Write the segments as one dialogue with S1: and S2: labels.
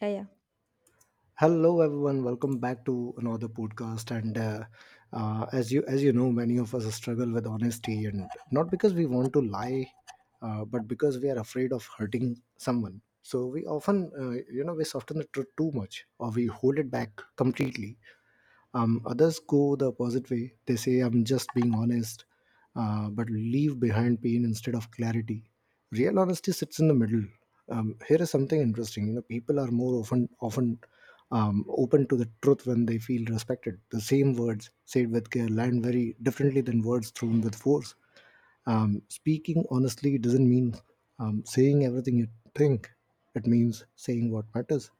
S1: Yeah, yeah.
S2: Hello, everyone. Welcome back to another podcast. And as you know, many of us struggle with honesty, and not because we want to lie, but because we are afraid of hurting someone. So we often, we soften the truth too much, or we hold it back completely. Others go the opposite way. They say, I'm just being honest, but leave behind pain instead of clarity. Real honesty sits in the middle. Here is something interesting. You know, people are more often open to the truth when they feel respected. The same words said with care land very differently than words thrown with force. Speaking honestly doesn't mean saying everything you think. It means saying what matters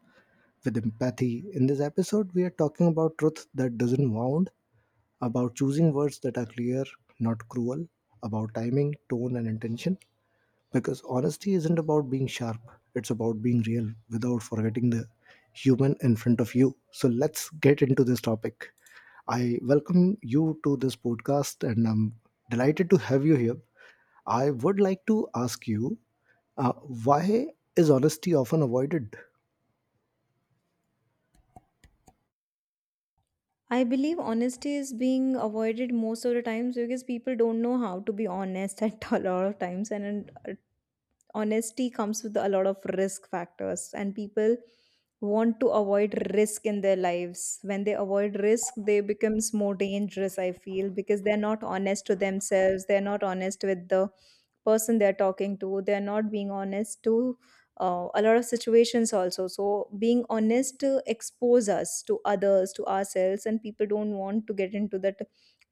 S2: with empathy. In this episode, we are talking about truth that doesn't wound, about choosing words that are clear, not cruel, about timing, tone, and intention. Because honesty isn't about being sharp, it's about being real without forgetting the human in front of you. So let's get into this topic. I welcome you to this podcast and I'm delighted to have you here. I would like to ask you, why is honesty often avoided?
S1: I believe honesty is being avoided most of the times because people don't know how to be honest at a lot of times, and it honesty comes with a lot of risk factors, and people want to avoid risk in their lives. When they avoid risk they becomes more dangerous, I feel, because they're not honest to themselves, they're not honest with the person they're talking to, they're not being honest to a lot of situations also. So being honest expose us to others, to ourselves, and people don't want to get into that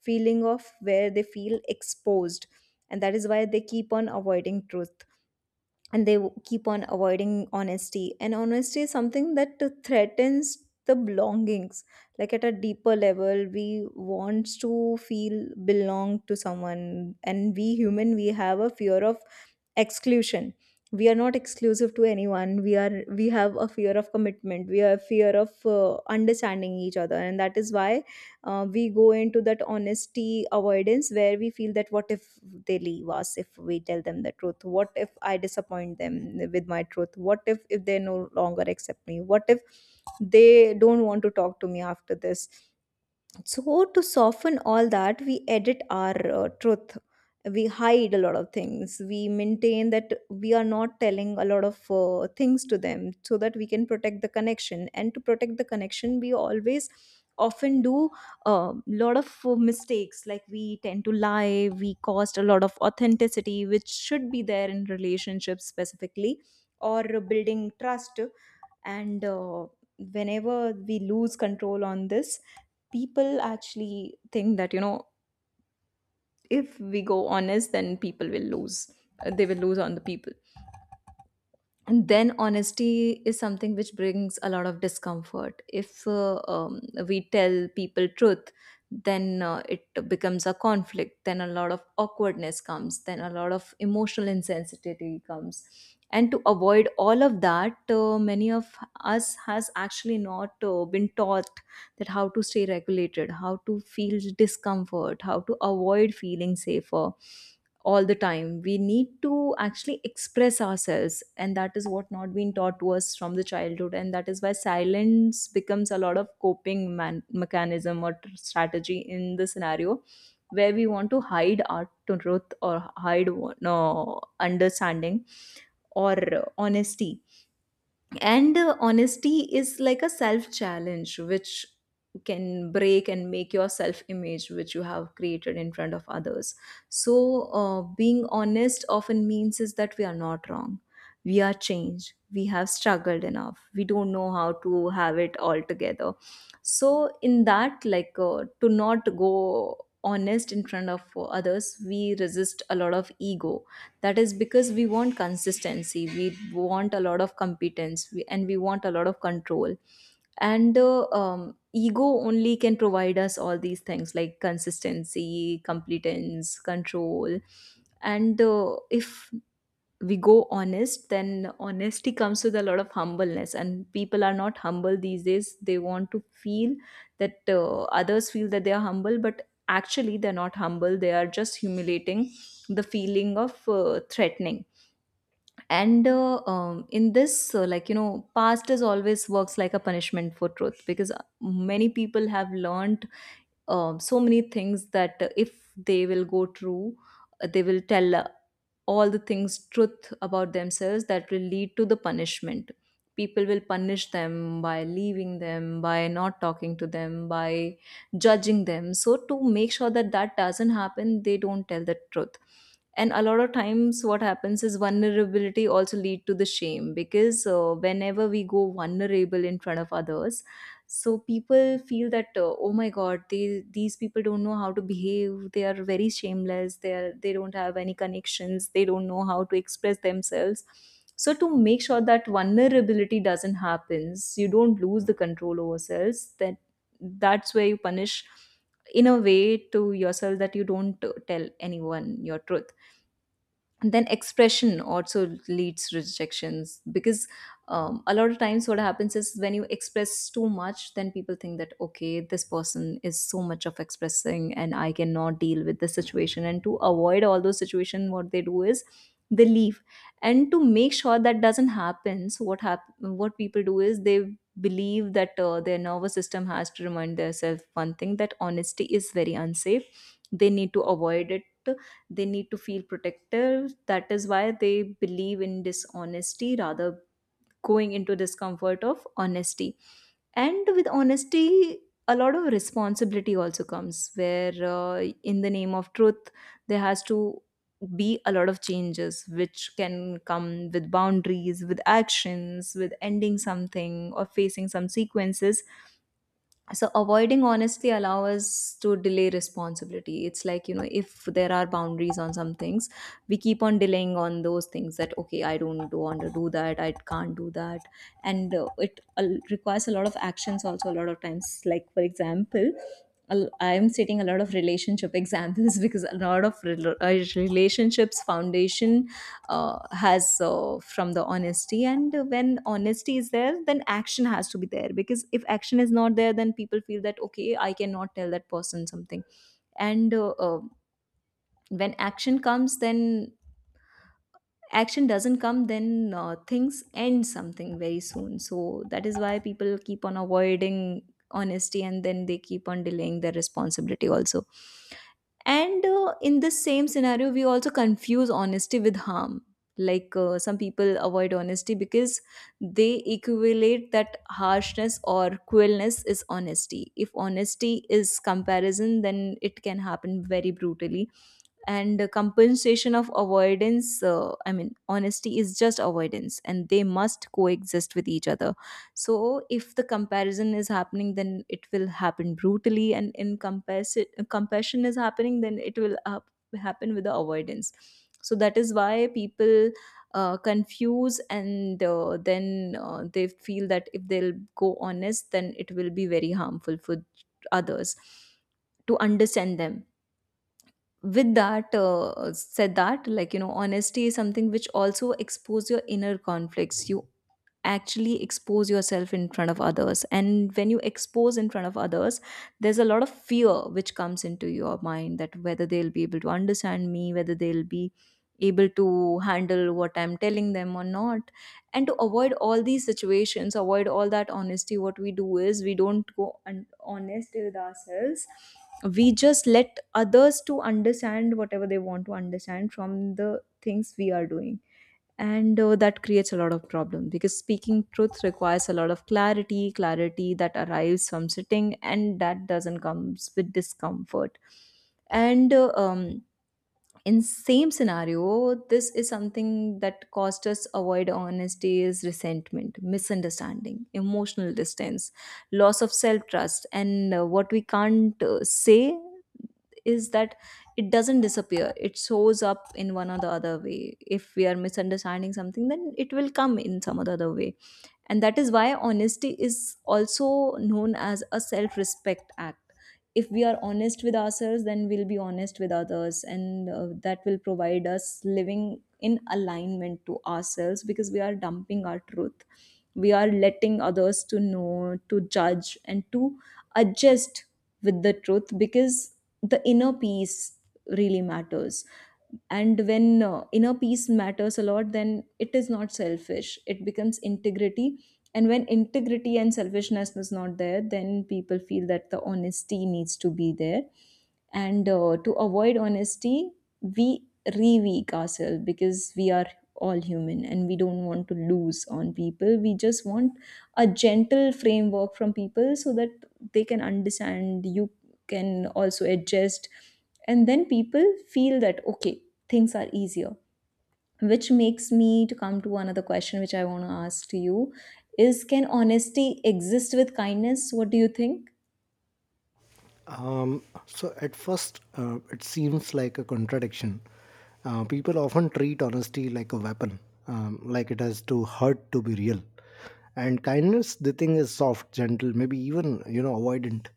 S1: feeling of where they feel exposed, and that is why they keep on avoiding truth, and keep on avoiding honesty. And honesty is something that threatens the belongings. Like at a deeper level we wants to feel belong to someone, and we human, we have a fear of exclusion. We are not exclusive to anyone, we have a fear of commitment, we have fear of understanding each other, and that is why we go into that honesty avoidance, where we feel that what if they leave us if we tell them the truth, what if I disappoint them with my truth, what if they no longer accept me, what if they don't want to talk to me after this. So, to soften all that, we edit our truth. We hide a lot of things. We maintain that we are not telling a lot of things to them so that we can protect the connection. And to protect the connection, we always often do a lot of mistakes. Like we tend to lie, we cost a lot of authenticity, which should be there in relationships specifically, or building trust. And Whenever we lose control on this, people actually think that, you know, if we go honest then people will lose. They will lose on the people. And then honesty is something which brings a lot of discomfort. If we tell people truth, then it becomes a conflict, then a lot of awkwardness comes, then a lot of emotional insensitivity comes. And to avoid all of that, many of us has actually not been taught that how to stay regulated, how to feel discomfort, how to avoid feeling safer all the time. We need to actually express ourselves, and that is what not been taught to us from the childhood, and that is why silence becomes a lot of mechanism or strategy in the scenario where we want to hide our truth, or hide, no, understanding, or honesty. And Honesty is like a self challenge which can break and make your self image which you have created in front of others. So being honest often means is that we are not wrong, we are changed, we have struggled enough, we don't know how to have it all together. So in that, like, to not go honest in front of others, we resist a lot of ego. That is because we want consistency, we want a lot of competence, and we want a lot of control. And Ego only can provide us all these things, like consistency, competence, control. And If we go honest, then honesty comes with a lot of humbleness, and people are not humble these days. They want to feel that others feel that they are humble, but actually they're not humble, they are just humiliating the feeling of threatening. And In this, like, you know, past is always works like a punishment for truth, because many people have learned, so many things that if they will go true, they will tell all the things truth about themselves, that will lead to the punishment. People will punish them by leaving them, by not talking to them, by judging them. So to make sure that that doesn't happen, they don't tell the truth. And a lot of times what happens is vulnerability also lead to the shame, because whenever we go vulnerable in front of others, so people feel that, oh my god, these people don't know how to behave, they are very shameless, they don't have any connections, they don't know how to express themselves. So to make sure that vulnerability doesn't happen, you don't lose the control over selves, that's where you punish in a way to yourself, that you don't tell anyone your truth. And then expression also leads to rejections, because, a lot of times what happens is when you express too much, then people think that okay, this person is so much of expressing and I cannot deal with the situation. And to avoid all those situations, what they do is they leave. And to make sure that doesn't happen, so what people do is they believe that their nervous system has to remind themselves one thing, that honesty is very unsafe, they need to avoid it, they need to feel protective. That is why they believe in dishonesty rather going into discomfort of honesty. And with honesty a lot of responsibility also comes, where in the name of truth there has to be a lot of changes, which can come with boundaries, with actions, with ending something, or facing some sequences. So avoiding honestly allow us to delay responsibility. It's like, you know, if there are boundaries on some things, we keep on delaying on those things, that okay, I don't want to do that, I can't do that. And It requires a lot of actions also a lot of times. Like for example, I'm stating a lot of relationship examples because a lot of relationships foundation has from the honesty, and when honesty is there then action has to be there, because if action is not there then people feel that okay, I cannot tell that person something. And When action comes then, action doesn't come, then things end something very soon. So that is why people keep on avoiding honesty, and then they keep on delaying their responsibility also. And In the same scenario, we also confuse honesty with harm. Like, some people avoid honesty because they equate that harshness or cruelness is honesty. If honesty is comparison, then it can happen very brutally. And the compensation of avoidance, I mean, honesty is just avoidance, and they must coexist with each other. So if the comparison is happening, then it will happen brutally, and in comparison, compassion is happening, then it will happen with the avoidance. So that is why people confuse, and then they feel that if they'll go honest, then it will be very harmful for others to understand them. With that, said that, like, you know, honesty is something which also expose your inner conflicts. You actually expose yourself in front of others, and when you expose in front of others, there's a lot of fear which comes into your mind, that whether they'll be able to understand me, whether they'll be able to handle what I'm telling them or not. And to avoid all these situations, avoid all that honesty, what we do is we don't go honest with ourselves. We just let others to understand whatever they want to understand from the things we are doing. And That creates a lot of problem, because speaking truth requires a lot of clarity, clarity that arrives from sitting, and that doesn't comes with discomfort. And In same scenario, this is something that caused us avoid honesty, is resentment, misunderstanding, emotional distance, loss of self trust. And What we can't say is that it doesn't disappear, it shows up in one or the other way. If we are misunderstanding something, then it will come in some other way. And that is why honesty is also known as a self respect act. If we are honest with ourselves, then we'll be honest with others, and that will provide us living in alignment to ourselves, because we are dumping our truth, we are letting others to know, to judge, and to adjust with the truth, because the inner peace really matters. And when inner peace matters a lot, then it is not selfish, it becomes integrity. And when integrity and selfishness is not there, then people feel that the honesty needs to be there. And To avoid honesty, we re-weak ourselves, because we are all human and we don't want to lose on people. We just want a gentle framework from people, so that they can understand, you can also adjust, and then people feel that okay, things are easier, which makes me to come to another question which I want to ask to you is, can honesty exist with kindness? What do you think?
S2: So at first, it seems like a contradiction. People often treat honesty like a weapon, like it has to hurt to be real. And kindness, the thing is soft, gentle, maybe even, you know, avoidant.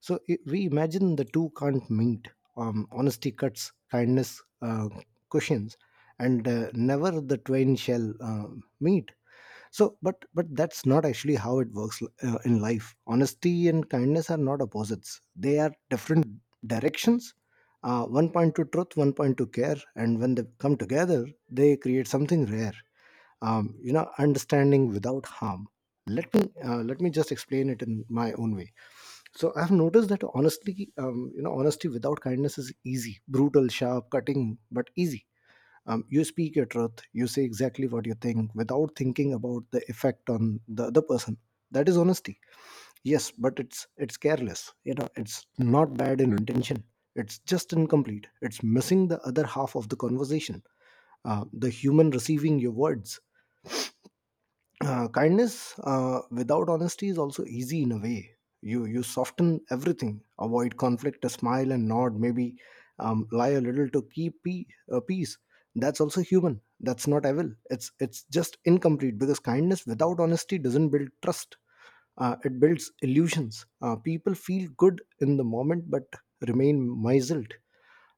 S2: So I we imagine the two can't meet. Honesty cuts, kindness cushions, and never the twain shall meet. But that's not actually how it works in life. Honesty and kindness are not opposites, they are different directions. One point to truth, one point to care, and when they come together they create something rare. You know, understanding without harm. Let me just explain it in my own way. So I've noticed that honestly, you know, honesty without kindness is easy, brutal, sharp, cutting, but easy. You speak your truth, you say exactly what you think without thinking about the effect on the other person. That is honesty, yes, but it's careless, you know. It's not bad in intention, it's just incomplete. It's missing the other half of the conversation, the human receiving your words. Kindness without honesty is also easy in a way. You soften everything, avoid conflict, a smile and nod maybe, lie a little to keep peace. That's also human, that's not evil, it's just incomplete, because kindness without honesty doesn't build trust. It builds illusions. People feel good in the moment but remain misled.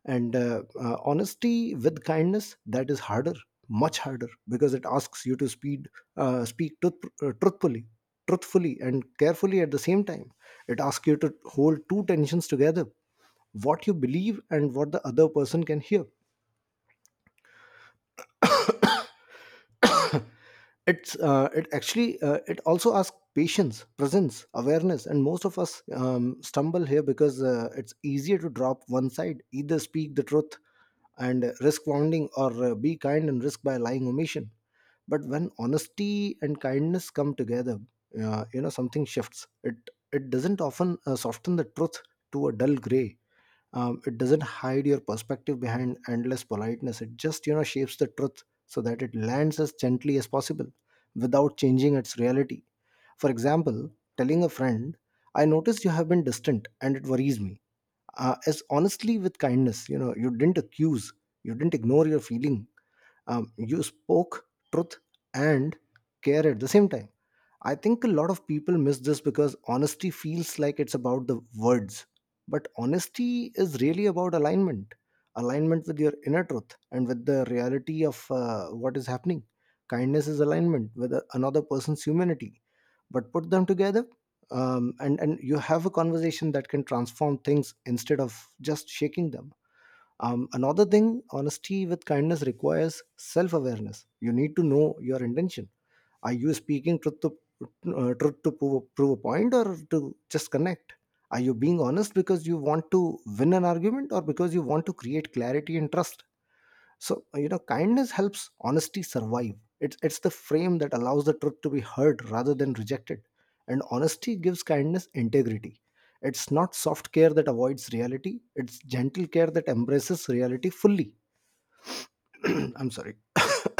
S2: And Honesty with kindness, that is harder, much harder, because it asks you to speed speak truth, uh, truthfully truthfully and carefully at the same time. It asks you to hold two tensions together: what you believe and what the other person can hear. It's uh, it actually uh, it also asks patience, presence, awareness, and most of us stumble here, because it's easier to drop one side, either speak the truth and risk wounding, or be kind and risk by lying omission. But when honesty and kindness come together, you know, something shifts. It doesn't often soften the truth to a dull gray. It doesn't hide your perspective behind endless politeness. It just, you know, shapes the truth so that it lands as gently as possible without changing its reality. For example, telling a friend, I noticed you have been distant and it worries me, as honestly with kindness. You know, you didn't accuse, you didn't ignore your feeling. You spoke truth and care at the same time. I think a lot of people miss this because honesty feels like it's about the words. But honesty is really about alignment, alignment with your inner truth and with the reality of what is happening. Kindness is alignment with another person's humanity. But put them together, and you have a conversation that can transform things instead of just shaking them. Another thing, honesty with kindness requires self awareness. You need to know your intention. Are you speaking truth to prove a point or to just connect? Are you being honest because you want to win an argument or because you want to create clarity and trust? So, you know, kindness helps honesty survive. It's the frame that allows the truth to be heard rather than rejected, and honesty gives kindness integrity. It's not soft care that avoids reality; it's gentle care that embraces reality fully. I'm sorry.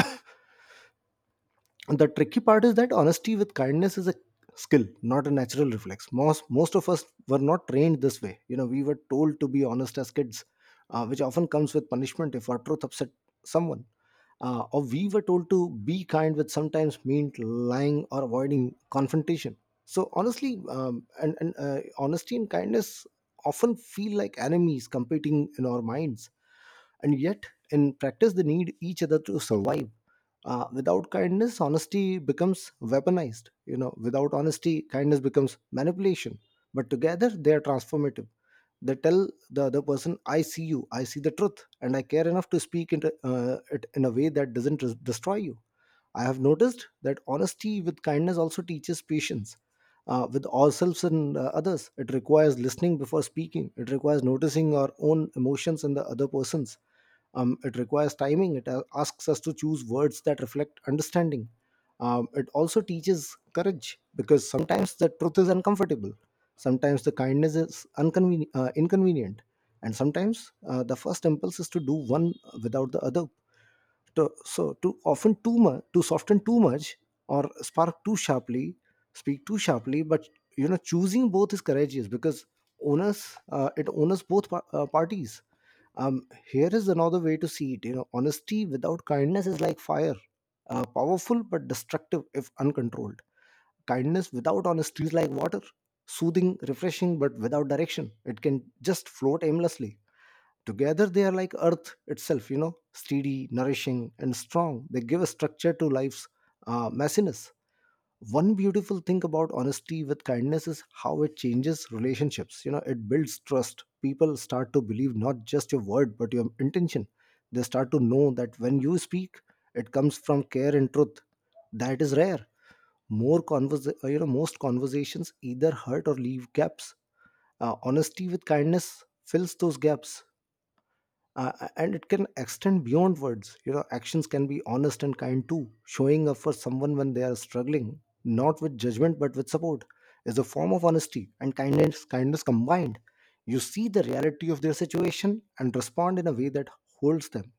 S2: The tricky part is that honesty with kindness is a skill, not a natural reflex. Most of us were not trained this way. You know, we were told to be honest as kids, which often comes with punishment if our truth upset someone, or we were told to be kind, which sometimes meant lying or avoiding confrontation. So honestly, and honesty and kindness often feel like enemies competing in our minds, and yet in practice they need each other to survive. Without kindness, honesty becomes weaponized. You know, without honesty, kindness becomes manipulation, but together they are transformative. They tell the other person, I see you, I see the truth, and I care enough to speak into it in a way that doesn't destroy you. I have noticed that honesty with kindness also teaches patience, with ourselves and others. It requires listening before speaking, it requires noticing our own emotions and the other person's. It requires timing, it asks us to choose words that reflect understanding. It also teaches courage, because sometimes the truth is uncomfortable, sometimes the kindness is inconvenient, and sometimes the first impulse is to do one without the other, to, so too often, too much to soften too much, or spark too sharply, speak too sharply, but you know, choosing both is courageous because owners it honors both parties. Um, Here is another way to see it. You know, honesty without kindness is like fire, powerful but destructive if uncontrolled. Kindness without honesty is like water, soothing, refreshing, but without direction. It can just float aimlessly. Together, they are like earth itself, you know, steady, nourishing, and strong. They give a structure to life's messiness. One beautiful thing about honesty with kindness is how it changes relationships. You know, it builds trust. People start to believe not just your word, but your intention. They start to know that when you speak, it comes from care and truth. That is rare. You know, most conversations either hurt or leave gaps. Honesty with kindness fills those gaps, and it can extend beyond words. You know, actions can be honest and kind too. Showing up for someone when they are struggling, not with judgment but with support, is a form of honesty and kindness combined. You see the reality of their situation and respond in a way that holds them,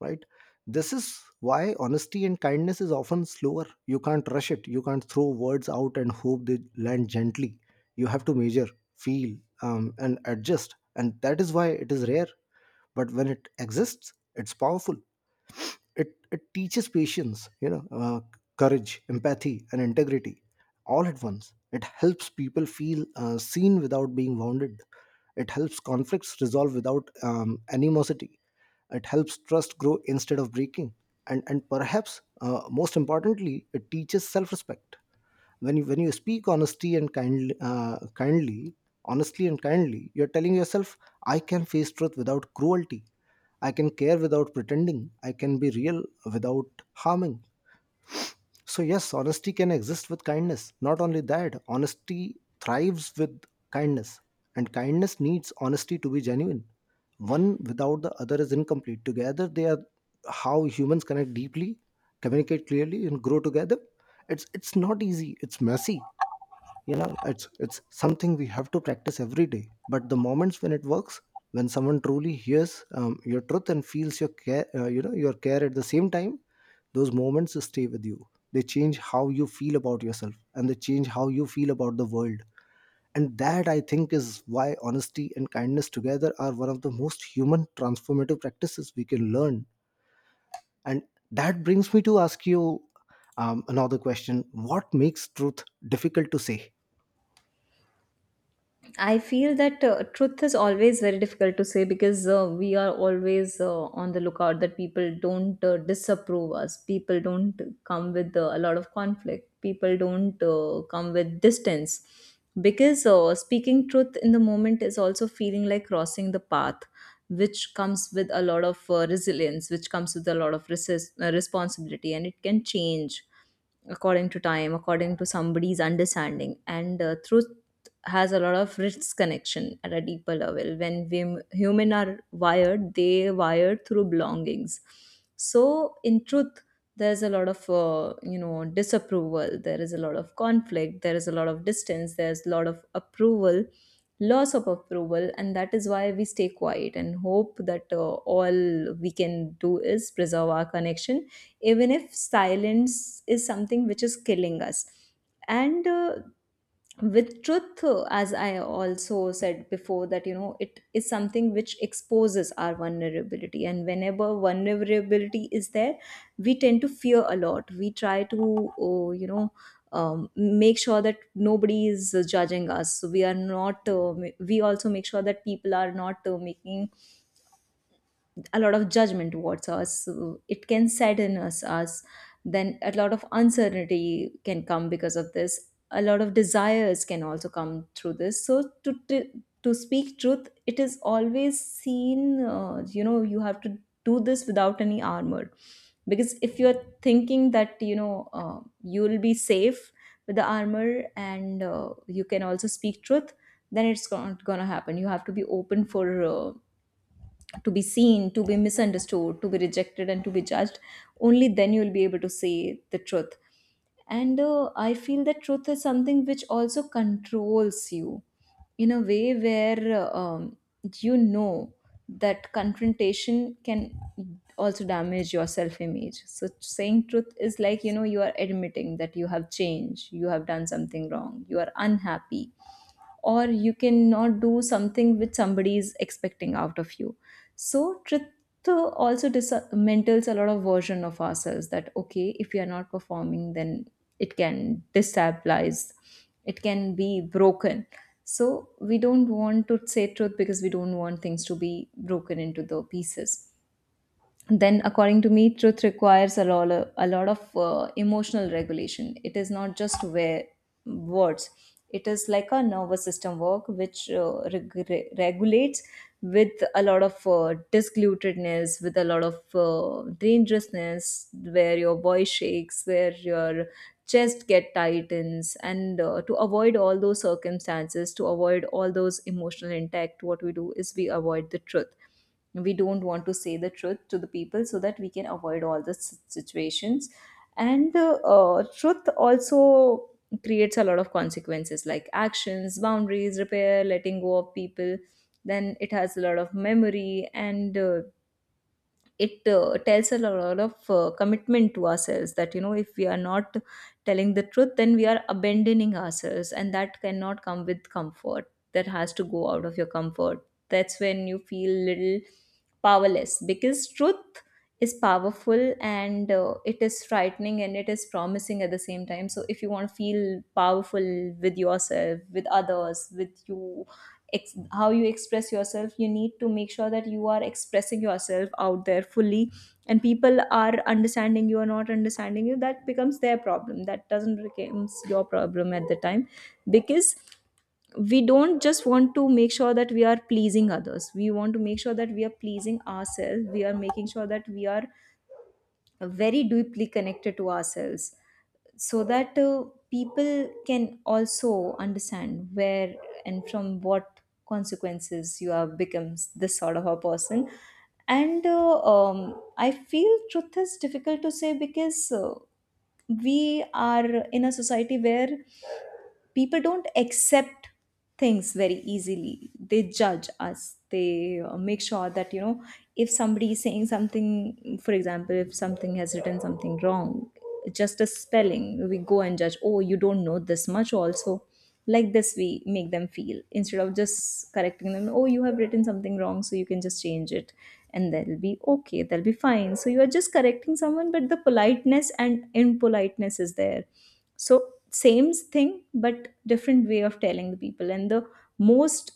S2: right. This is why honesty and kindness is often slower. You can't rush it, you can't throw words out and hope they land gently. You have to measure, feel, and adjust, and that is why it is rare. But when it exists, it's powerful. It it teaches patience, you know, courage, empathy, and integrity, all at once. It helps people feel seen without being wounded. It helps conflicts resolve without animosity. It helps trust grow instead of breaking. And perhaps most importantly, it teaches self respect. When you speak honesty and kindly kindly honestly and kindly, you're telling yourself, I can face truth without cruelty. I can care without pretending. I can be real without harming. So, yes, honesty can exist with kindness. Not only that, honesty thrives with kindness, and kindness needs honesty to be genuine. One without the other is incomplete. Together, they are how humans connect deeply, communicate clearly, and grow together. It's not easy, it's messy, you know. It's something we have to practice every day, but the moments when it works, when someone truly hears your truth and feels your care, your care at the same time, those moments stay with you. They change how you feel about yourself, and they change how you feel about the world. And that, I think, is why honesty and kindness together are one of the most human transformative practices we can learn. And that brings me to ask you another question. What makes truth difficult to say?
S1: I feel that truth is always very difficult to say, because we are always on the lookout that people don't disapprove us, people don't come with a lot of conflict, people don't come with distance. Because speaking truth in the moment is also feeling like crossing the path, which comes with a lot of resilience, which comes with a lot of responsibility, and it can change according to time, according to somebody's understanding, and truth has a lot of rich connection at a deeper level. When we human are wired, they wired through belongings. So in truth, there is a lot of you know, disapproval. There is a lot of conflict. There is a lot of distance. There is a lot of approval, loss of approval, and that is why we stay quiet and hope that all we can do is preserve our connection, even if silence is something which is killing us. And with truth, as I also said before, that you know, it is something which exposes our vulnerability, and whenever vulnerability is there, we tend to fear a lot. We try to you know, make sure that nobody is judging us, so we are not we also make sure that people are not making a lot of judgment towards us, so it can sadden us. Then a lot of uncertainty can come because of this. A lot of desires can also come through this. So to speak truth, it is always seen, you know, you have to do this without any armor. Because if you're thinking that you know, you will be safe with the armor and you can also speak truth, then it's not gonna happen. You have to be open for uh, to be seen, to be misunderstood, to be rejected, and to be judged. Only then you will be able to say the truth. And I feel that truth is something which also controls you in a way where, you know, that confrontation can also damage your self image. So, saying truth is like, you know, you are admitting that you have changed, you have done something wrong, you are unhappy, or you cannot do something which somebody is expecting out of you. So truth also dismantles a lot of version of ourselves, that okay, if we are not performing, then it can destabilize, it can be broken. So we don't want to say truth because we don't want things to be broken into the pieces. Then according to me, truth requires a lot of emotional regulation. It is not just where words, it is like a nervous system work which regulates, with a lot of disglutedness, with a lot of dangerousness, where your voice shakes, where your chest get tightens. And to avoid all those circumstances, to avoid all those emotional intact, what we do is we avoid the truth. We don't want to say the truth to the people so that we can avoid all the situations. And truth also creates a lot of consequences, like actions, boundaries, repair, letting go of people. Then it has a lot of memory, and it tells a lot of commitment to ourselves, that you know, if we are not telling the truth, then we are abandoning ourselves, and that cannot come with comfort. That has to go out of your comfort. That's when you feel little powerless, because truth is powerful, and it is frightening, and it is promising at the same time. So if you want to feel powerful with yourself, with others, with you how you express yourself, you need to make sure that you are expressing yourself out there fully, and people are understanding you or not understanding you, that becomes their problem, that doesn't becomes your problem at the time. Because we don't just want to make sure that we are pleasing others, we want to make sure that we are pleasing ourselves, we are making sure that we are very deeply connected to ourselves, so that people can also understand where and from what consequences you have becomes this sort of a person. And I feel truth is difficult to say because we are in a society where people don't accept things very easily. They judge us, they make sure that you know, if somebody is saying something, for example, if something has written something wrong, just a spelling, we go and judge, oh, you don't know this much also. Like this, we make them feel, instead of just correcting them, oh, you have written something wrong, so you can just change it and they'll be okay, they'll be fine. So you are just correcting someone, but the politeness and impoliteness is there. So same thing, but different way of telling the people. And the most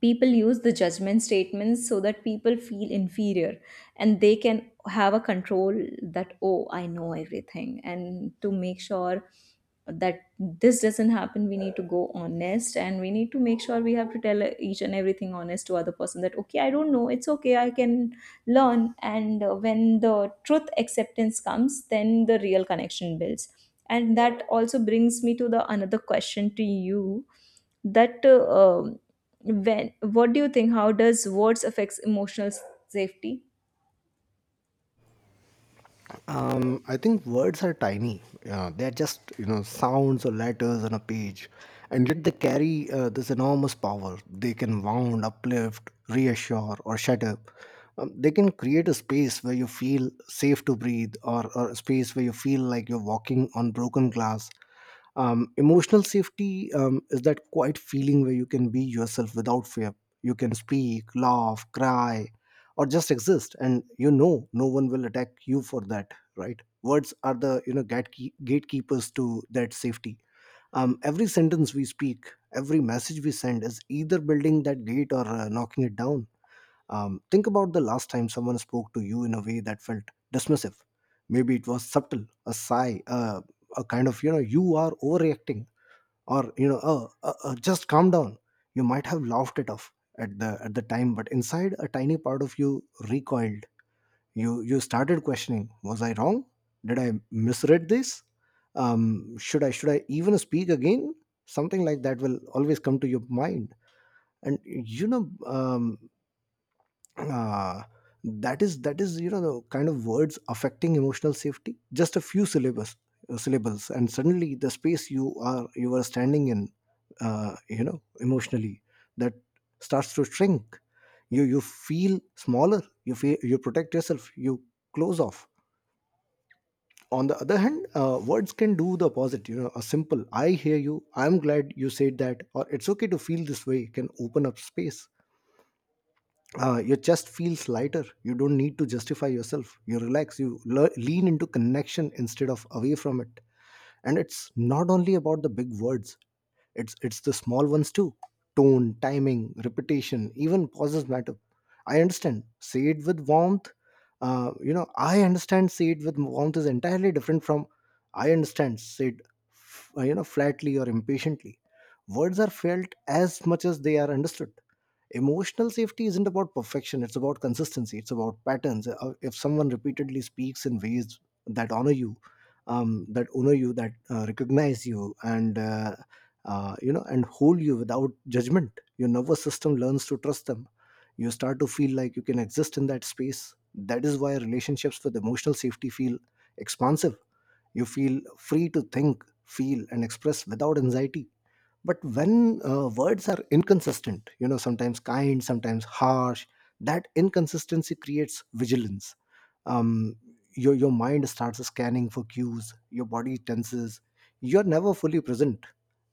S1: people use the judgment statements so that people feel inferior and they can have a control, that oh, I know everything. And to make sure that this doesn't happen, we need to go honest, and we need to make sure we have to tell each and everything honest to other person, that okay, I don't know, it's okay, I can learn. And when the truth acceptance comes, then the real connection builds. And that also brings me to the another question to you, that when, what do you think, how does words affects emotional safety?
S2: I think words are tiny. They're just you know sounds or letters on a page, and yet they carry this enormous power. They can wound, uplift, reassure, or shut up. They can create a space where you feel safe to breathe, or a space where you feel like you're walking on broken glass. Emotional safety is that quiet feeling where you can be yourself without fear. You can speak, laugh, cry, or just exist, and you know no one will attack you for that. Right, words are the you know gatekeepers to that safety. Every sentence we speak, every message we send is either building that gate or knocking it down. Think about the last time someone spoke to you in a way that felt dismissive. Maybe it was subtle, a sigh, a kind of you know, "You are overreacting," or you know, "Just calm down." You might have laughed it off at the time, but inside a tiny part of you recoiled. You started questioning, was I wrong? Did I misread this? Should I even speak again? Something like that will always come to your mind. And you know, uh, that is, that is, you know, the kind of words affecting emotional safety. Just a few syllables, syllables, and suddenly the space you are standing in, you know, emotionally, that starts to shrink. You feel smaller, you feel you protect yourself, you close off. On the other hand, words can do the opposite. You know, a simple "I hear you," "I'm glad you said that," or "It's okay to feel this way" can open up space. Your chest feels lighter, you don't need to justify yourself, you relax, you lean into connection instead of away from it. And it's not only about the big words. It's the small ones too. Tone, timing, repetition, even pauses matter. I understand. Say it with warmth. You know, "I understand. Say it with warmth" is entirely different from "I understand. Say it," you know, flatly or impatiently. Words are felt as much as they are understood. Emotional safety isn't about perfection, it's about consistency, it's about patterns. If someone repeatedly speaks in ways that honor you, that recognize you, and you know, and hold you without judgment, your nervous system learns to trust them. You start to feel like you can exist in that space. That is why relationships with emotional safety feel expansive. You feel free to think, feel, and express without anxiety. But when words are inconsistent, you know, sometimes kind, sometimes harsh, that inconsistency creates vigilance. um, your mind starts scanning for cues, your body tenses, you're never fully present.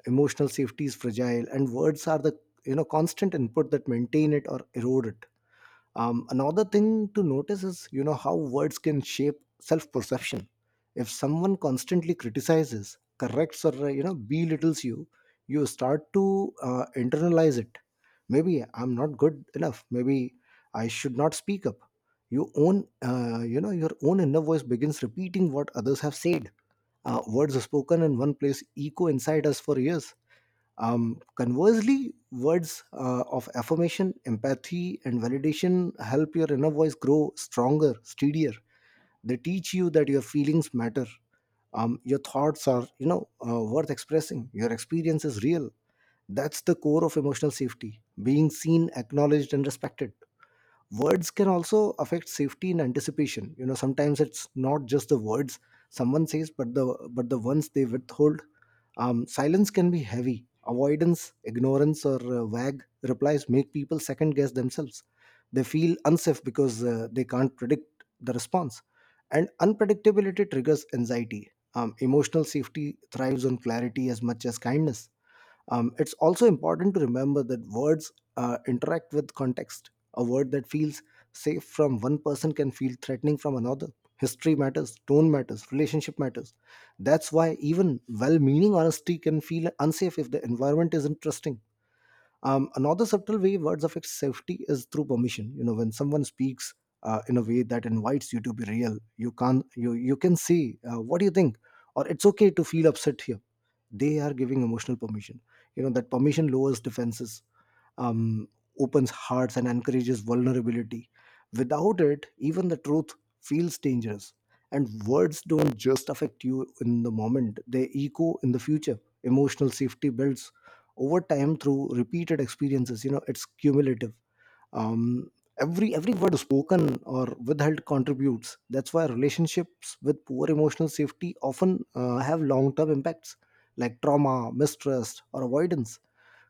S2: Emotional safety is fragile, and words are the you know constant input that maintain it or erode it. Another thing to notice is, you know, how words can shape self-perception. If someone constantly criticizes, corrects, or you know, belittles you, you start to internalize it. Maybe I'm not good enough. Maybe I should not speak up. You know, your own inner voice begins repeating what others have said. Words spoken in one place echo inside us for years. Conversely, words of affirmation, empathy, and validation help your inner voice grow stronger, steadier. They teach you that your feelings matter. Your thoughts are, worth expressing. Your experience is real. That's the core of emotional safety: being seen, acknowledged, and respected. Words can also affect safety and anticipation. You know, sometimes it's not just the words someone says, but the ones they withhold. Silence can be heavy. Avoidance, ignorance, or vague replies make people second guess themselves. They feel unsafe because they can't predict the response. And unpredictability triggers anxiety. Emotional safety thrives on clarity as much as kindness. It's also important to remember that words interact with context. A word that feels safe from one person can feel threatening from another. History matters, tone matters, relationship matters. That's why even well meaning honesty can feel unsafe if the environment isn't trusting. Another subtle way words affect safety is through permission. You know, when someone speaks in a way that invites you to be real, you can say, "What do you think?" or "It's okay to feel upset here." They are giving emotional permission. You know, that permission lowers defenses, um, opens hearts, and encourages vulnerability. Without it, even the truth feels dangerous. And words don't just affect you in the moment, they echo in the future. Emotional safety builds over time through repeated experiences. You know, it's cumulative. um, every word spoken or withheld contributes. That's why relationships with poor emotional safety often have long term impacts, like trauma, mistrust, or avoidance.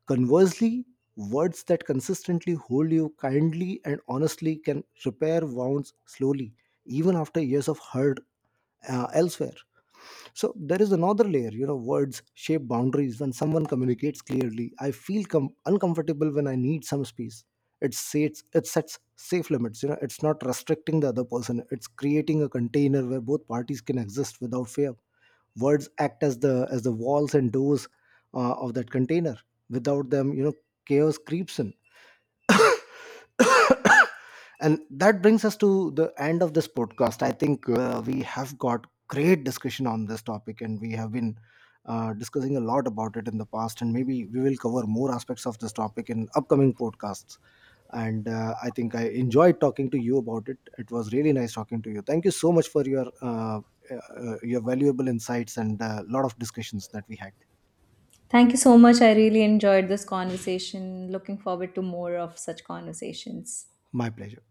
S2: Conversely, words that consistently hold you kindly and honestly can repair wounds slowly, even after years of hurt. Elsewhere So there is another layer. You know, words shape boundaries. When someone communicates clearly, "I feel uncomfortable," "When I need some space," it sets safe limits. You know, it's not restricting the other person, it's creating a container where both parties can exist without fear. Words act as the walls and doors of that container. Without them, you know, chaos creeps in. And that brings us to the end of this podcast. I think we have got great discussion on this topic, and we have been discussing a lot about it in the past, and maybe we will cover more aspects of this topic in upcoming podcasts. And I think I enjoyed talking to you about it. It was really nice talking to you. Thank you so much for your valuable insights and a lot of discussions that we had.
S1: Thank you so much, I really enjoyed this conversation. Looking forward to more of such conversations.
S2: My pleasure.